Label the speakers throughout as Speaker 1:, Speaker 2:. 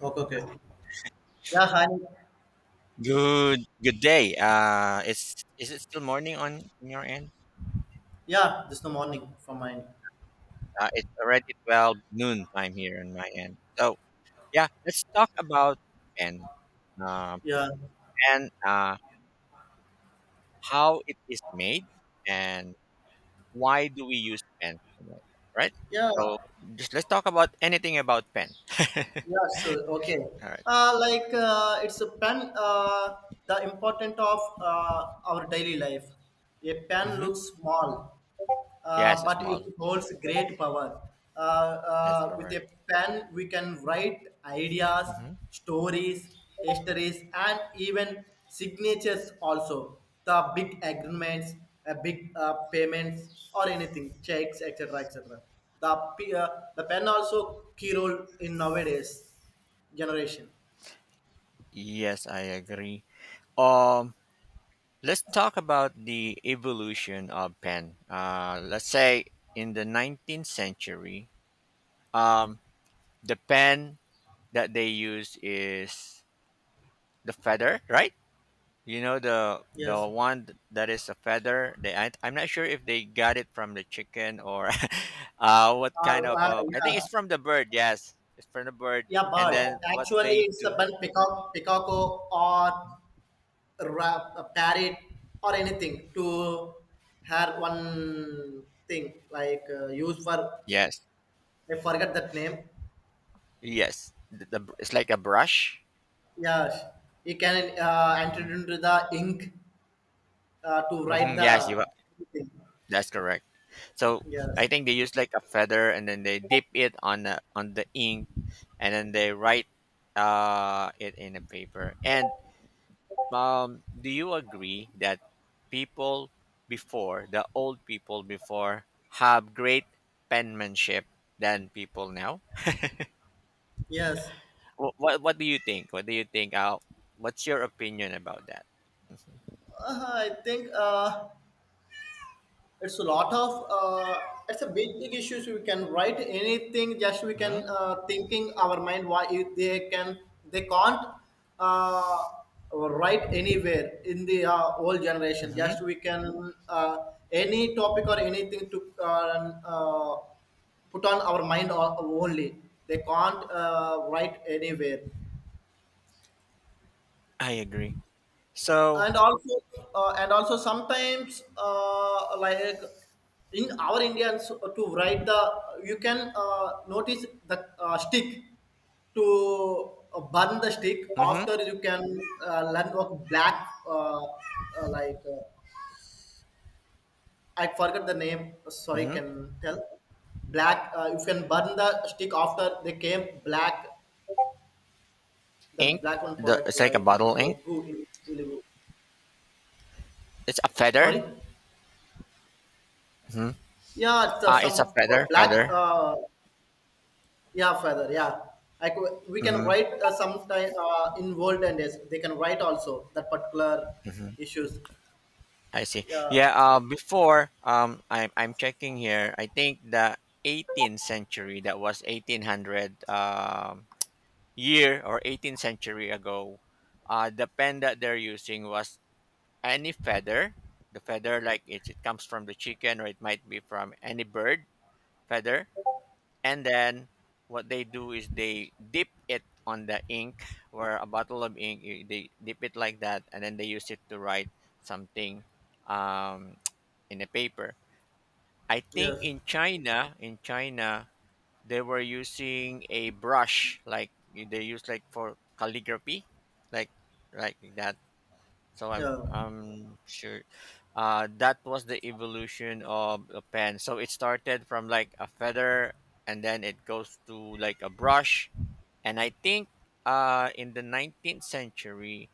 Speaker 1: Okay, okay. Yeah, hi.
Speaker 2: Good day. It's Is it still morning on your end?
Speaker 1: Yeah, this the morning from mine.
Speaker 2: It's already 12 noon time here on my end. So yeah, let's talk about pen. Uh,
Speaker 1: Yeah,
Speaker 2: Pen. How it is made and why do we use pen? Something like that, right.
Speaker 1: yeah,
Speaker 2: So just let's talk about anything about pen.
Speaker 1: yeah. So okay,
Speaker 2: All right.
Speaker 1: it's a pen. The important of our daily life. A pen
Speaker 2: Mm-hmm.
Speaker 1: looks small,
Speaker 2: Yes, it's
Speaker 1: but it
Speaker 2: small.
Speaker 1: holds great power.
Speaker 2: That's
Speaker 1: With
Speaker 2: correct.
Speaker 1: a pen, we can write ideas,
Speaker 2: Mm-hmm.
Speaker 1: stories, histories, and even signatures also. The big agreements, big payments, or anything, checks, etc., etc. The p- uh, the pen also key role in nowadays generation.
Speaker 2: Yes, I agree. Um. Let's talk about the evolution of pen. Let's say in the 19th century, um, the pen that they use is the feather, right? You know the
Speaker 1: Yes.
Speaker 2: one that is a feather. They I'm not sure if they got it from the chicken or what kind of. I think
Speaker 1: Yeah,
Speaker 2: it's from the bird. Yes, it's from the bird.
Speaker 1: yeah,
Speaker 2: And
Speaker 1: bird.
Speaker 2: then what
Speaker 1: Actually,
Speaker 2: they
Speaker 1: it's a
Speaker 2: do?
Speaker 1: bird peacock, peacocko, or a parrot, or anything to have one thing like use for.
Speaker 2: Yes,
Speaker 1: I forget that name.
Speaker 2: yes. The, it's like a brush.
Speaker 1: Yeah, you can enter
Speaker 2: Hmm.
Speaker 1: into the ink to write
Speaker 2: Hmm.
Speaker 1: the thing.
Speaker 2: That's correct. So I
Speaker 1: Yes,
Speaker 2: think they use like a feather and then they dip it on on the ink and then they write it in a paper. And do you agree that people before, the old people before, have great penmanship than people now?
Speaker 1: yes.
Speaker 2: What do you think? What do you think? What's your opinion about that?
Speaker 1: I think it's a lot of it's a big big issues. We can write anything, just we
Speaker 2: Mm-hmm.
Speaker 1: can thinking our mind. Why if they can, they can't uh, write anywhere in the old generation?
Speaker 2: Mm-hmm.
Speaker 1: Just we can any topic or anything to put on our mind only. They can't write anywhere.
Speaker 2: I agree. So,
Speaker 1: And also and also sometimes, like in our indians to write the, you can notice the stick to burn the stick.
Speaker 2: mm-hmm.
Speaker 1: After, you can learn what black. Uh, uh, like uh, I forgot the name, sorry,
Speaker 2: Mm-hmm.
Speaker 1: can tell. Black, you can burn the stick after they came black, the
Speaker 2: Ink,
Speaker 1: black one product
Speaker 2: it's like a
Speaker 1: like
Speaker 2: bottle ink.
Speaker 1: bogu in telugu.
Speaker 2: It's a feather.
Speaker 1: Sorry.
Speaker 2: Mhm.
Speaker 1: Yeah, it's some black.
Speaker 2: Feather.
Speaker 1: Yeah, feather. Yeah, like we can
Speaker 2: Mm-hmm,
Speaker 1: write sometime in world, and yes, they can write also that particular
Speaker 2: mm-hmm.
Speaker 1: issues.
Speaker 2: I see.
Speaker 1: Yeah.
Speaker 2: Yeah. Before I'm checking here. I think the 18th century, that was 1800 year or 18th century ago. The pen that they're using was any feather. The feather, like it comes from the chicken, or it might be from any bird feather. And then what they do is they dip it on the ink where a bottle of ink they dip it like that and then they use it to write something, um, in a paper. I think
Speaker 1: Yes.
Speaker 2: in china, in china, they were using a brush, like they use like for calligraphy, like like that. So
Speaker 1: Yeah.
Speaker 2: I'm sure that was the evolution of a pen. So it started from like a feather, and then it goes to like a brush. And I think in the 19th century,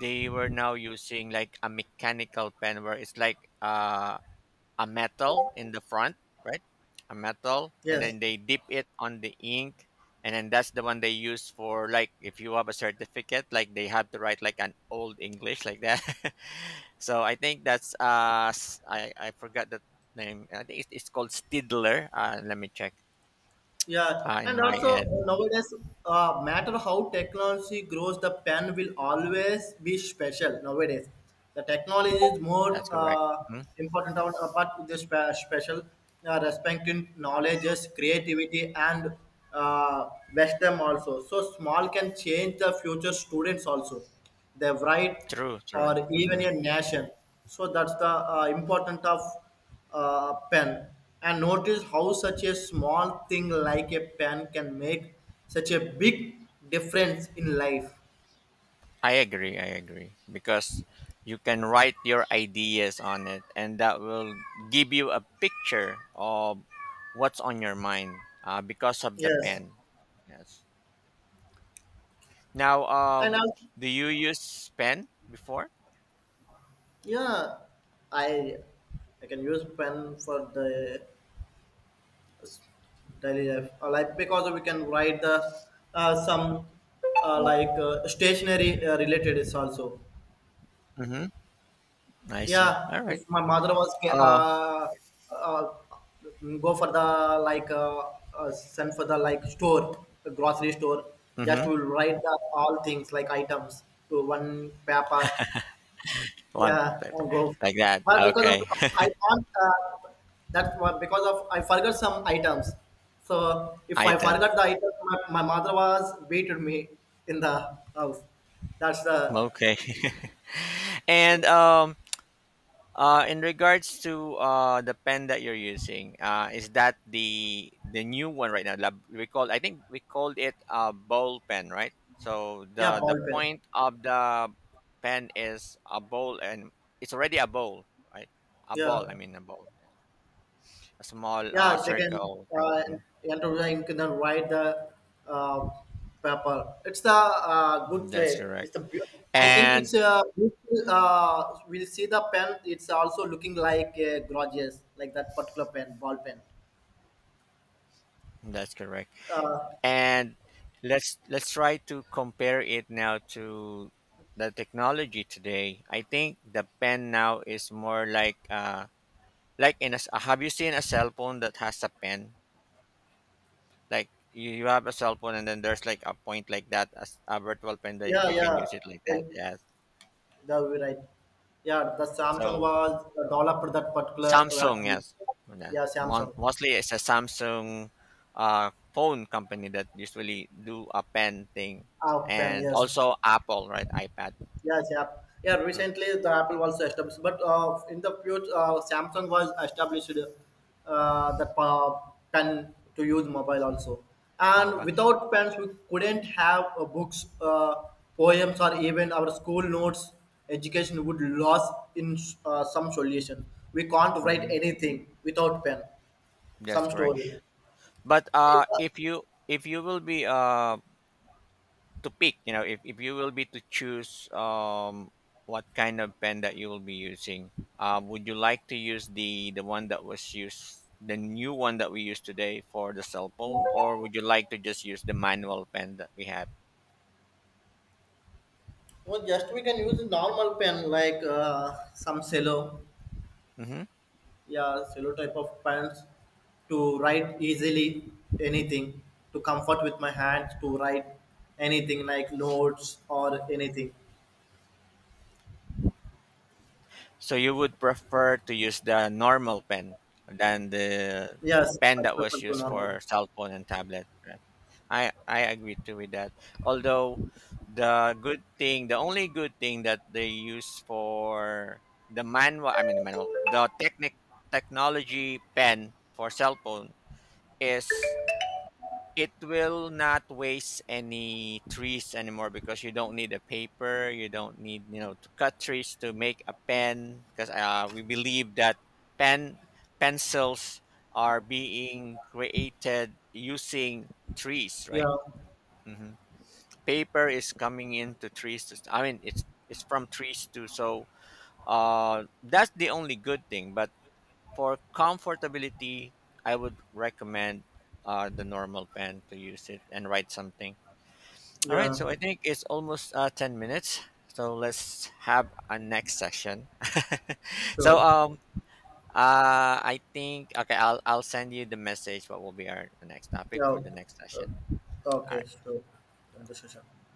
Speaker 2: they were now using like a mechanical pen, where it's like a metal in the front, right? A metal, and
Speaker 1: Yes.
Speaker 2: then they dip it on the ink, and then that's the one they use for, like, if you have a certificate, like they have to write like an old English like that. So I think that's I forgot the name. I think it's called Stidler. Let me check.
Speaker 1: Yeah,
Speaker 2: In
Speaker 1: and
Speaker 2: my
Speaker 1: also
Speaker 2: head. Mhm.
Speaker 1: nowadays, matter how technology grows, the pen will always be special. Nowadays, the technology is more
Speaker 2: That's correct. Mhm.
Speaker 1: important, on, but the special respecting knowledges, creativity, and wisdom also. So small can change the future students also, their right,
Speaker 2: True, true.
Speaker 1: or even
Speaker 2: Mhm.
Speaker 1: a nation. So that's the important of pen, and notice how such a small thing like a pen can make such a big difference in life.
Speaker 2: I agree. I agree because you can write your ideas on it, and that will give you a picture of what's on your mind because of the
Speaker 1: Yes.
Speaker 2: pen. Yes. Now,
Speaker 1: And I,
Speaker 2: do you use pen before?
Speaker 1: yeah, i I can use pen for the daily life. Like, because we can write the some like stationary related is also.
Speaker 2: Mm-hmm. I
Speaker 1: Yeah,
Speaker 2: see. All right.
Speaker 1: if my mother was
Speaker 2: Oh.
Speaker 1: uh, go for the, like, send for the, like, store, the grocery store, just
Speaker 2: Mm-hmm.
Speaker 1: will write the all things like items to one paper.
Speaker 2: One
Speaker 1: Yeah,
Speaker 2: paper
Speaker 1: I'll go.
Speaker 2: like that.
Speaker 1: But because of
Speaker 2: Okay.
Speaker 1: I can't. That's why, because of I forgot some items. So if I
Speaker 2: Items.
Speaker 1: forgot the item, my mother was beated me in the house. That's the,
Speaker 2: Okay. and In regards to the pen that you're using, is that the new one right now? Lab, we called, I think we called it a bowl pen, right? So the
Speaker 1: yeah, ball pen.
Speaker 2: point of the pen is a bowl, and it's already a bowl, right? A ball, I
Speaker 1: Yeah.
Speaker 2: mean a bowl, a small
Speaker 1: Yeah, they can
Speaker 2: circle thing. Mhm.
Speaker 1: enter the ink and then write the uh, paper. It's the
Speaker 2: Mhm,
Speaker 1: good
Speaker 2: that's
Speaker 1: way.
Speaker 2: correct,
Speaker 1: It's the I think it's
Speaker 2: and
Speaker 1: a beautiful, we'll see the pen. It's also looking like a gorgeous, like that particular pen, ball pen.
Speaker 2: that's correct.
Speaker 1: Uh,
Speaker 2: And let's try to compare it now to the technology today. I think the pen now is more like in a have you seen a cell phone that has a pen, like you have a cell phone and then there's like a point like that as a virtual pen,
Speaker 1: yeah,
Speaker 2: they can
Speaker 1: yeah,
Speaker 2: use it like that.
Speaker 1: it,
Speaker 2: Yes.
Speaker 1: that will be right. Yeah, the Samsung
Speaker 2: So
Speaker 1: was developed that particular.
Speaker 2: samsung, yes. Yes.
Speaker 1: Yeah, Samsung.
Speaker 2: Mostly it's a samsung phone company that usually do a pen thing.
Speaker 1: Ah, pen,
Speaker 2: And
Speaker 1: yes.
Speaker 2: also apple, right? Ipad.
Speaker 1: Yes, yeah. Yeah, recently the Apple was established, but in the future, Samsung was established pen to use mobile also.
Speaker 2: Mm,
Speaker 1: And
Speaker 2: mobile.
Speaker 1: without pens, we couldn't have books, poems, or even our school notes. Education would lose in some solution. We can't write
Speaker 2: Mhm.
Speaker 1: anything without pen.
Speaker 2: That's
Speaker 1: Some
Speaker 2: correct.
Speaker 1: story.
Speaker 2: But
Speaker 1: Uh,
Speaker 2: if you will be to pick, you know, if you will be to choose, what kind of pen that you will be using, would you like to use the one that was used, the new one that we use today for the cell phone, or would you like to just use the manual pen that we had?
Speaker 1: well, just we can use a normal pen, like some cello.
Speaker 2: Hmm.
Speaker 1: Yeah, cello type of pants to write easily anything, to comfort with my hands to write anything like notes or anything.
Speaker 2: So you would prefer to use the normal pen than the
Speaker 1: Yes,
Speaker 2: pen
Speaker 1: I
Speaker 2: that was
Speaker 1: prefer to
Speaker 2: used for
Speaker 1: normal.
Speaker 2: cell phone and tablet. I agree too with that. Although the good thing, the only good thing that they use for the manual, I mean the manual, the technic technology pen for cell phone is it will not waste any trees anymore because you don't need a paper, you don't need, you know, to cut trees to make a pen because we believe that pen pencils are being created using trees, right?
Speaker 1: Yeah,
Speaker 2: Mhm. Paper is coming into trees to, I mean it's from trees too. So that's the only good thing, but for comfortability I would recommend the normal pen to use it and write something. All right,
Speaker 1: yeah.
Speaker 2: so I think it's almost 10 minutes, so let's have a next session. So
Speaker 1: Sure.
Speaker 2: I think, okay, I'll send you the message what will be our next topic
Speaker 1: Yeah,
Speaker 2: for the
Speaker 1: okay,
Speaker 2: next session.
Speaker 1: okay, sure, in the session.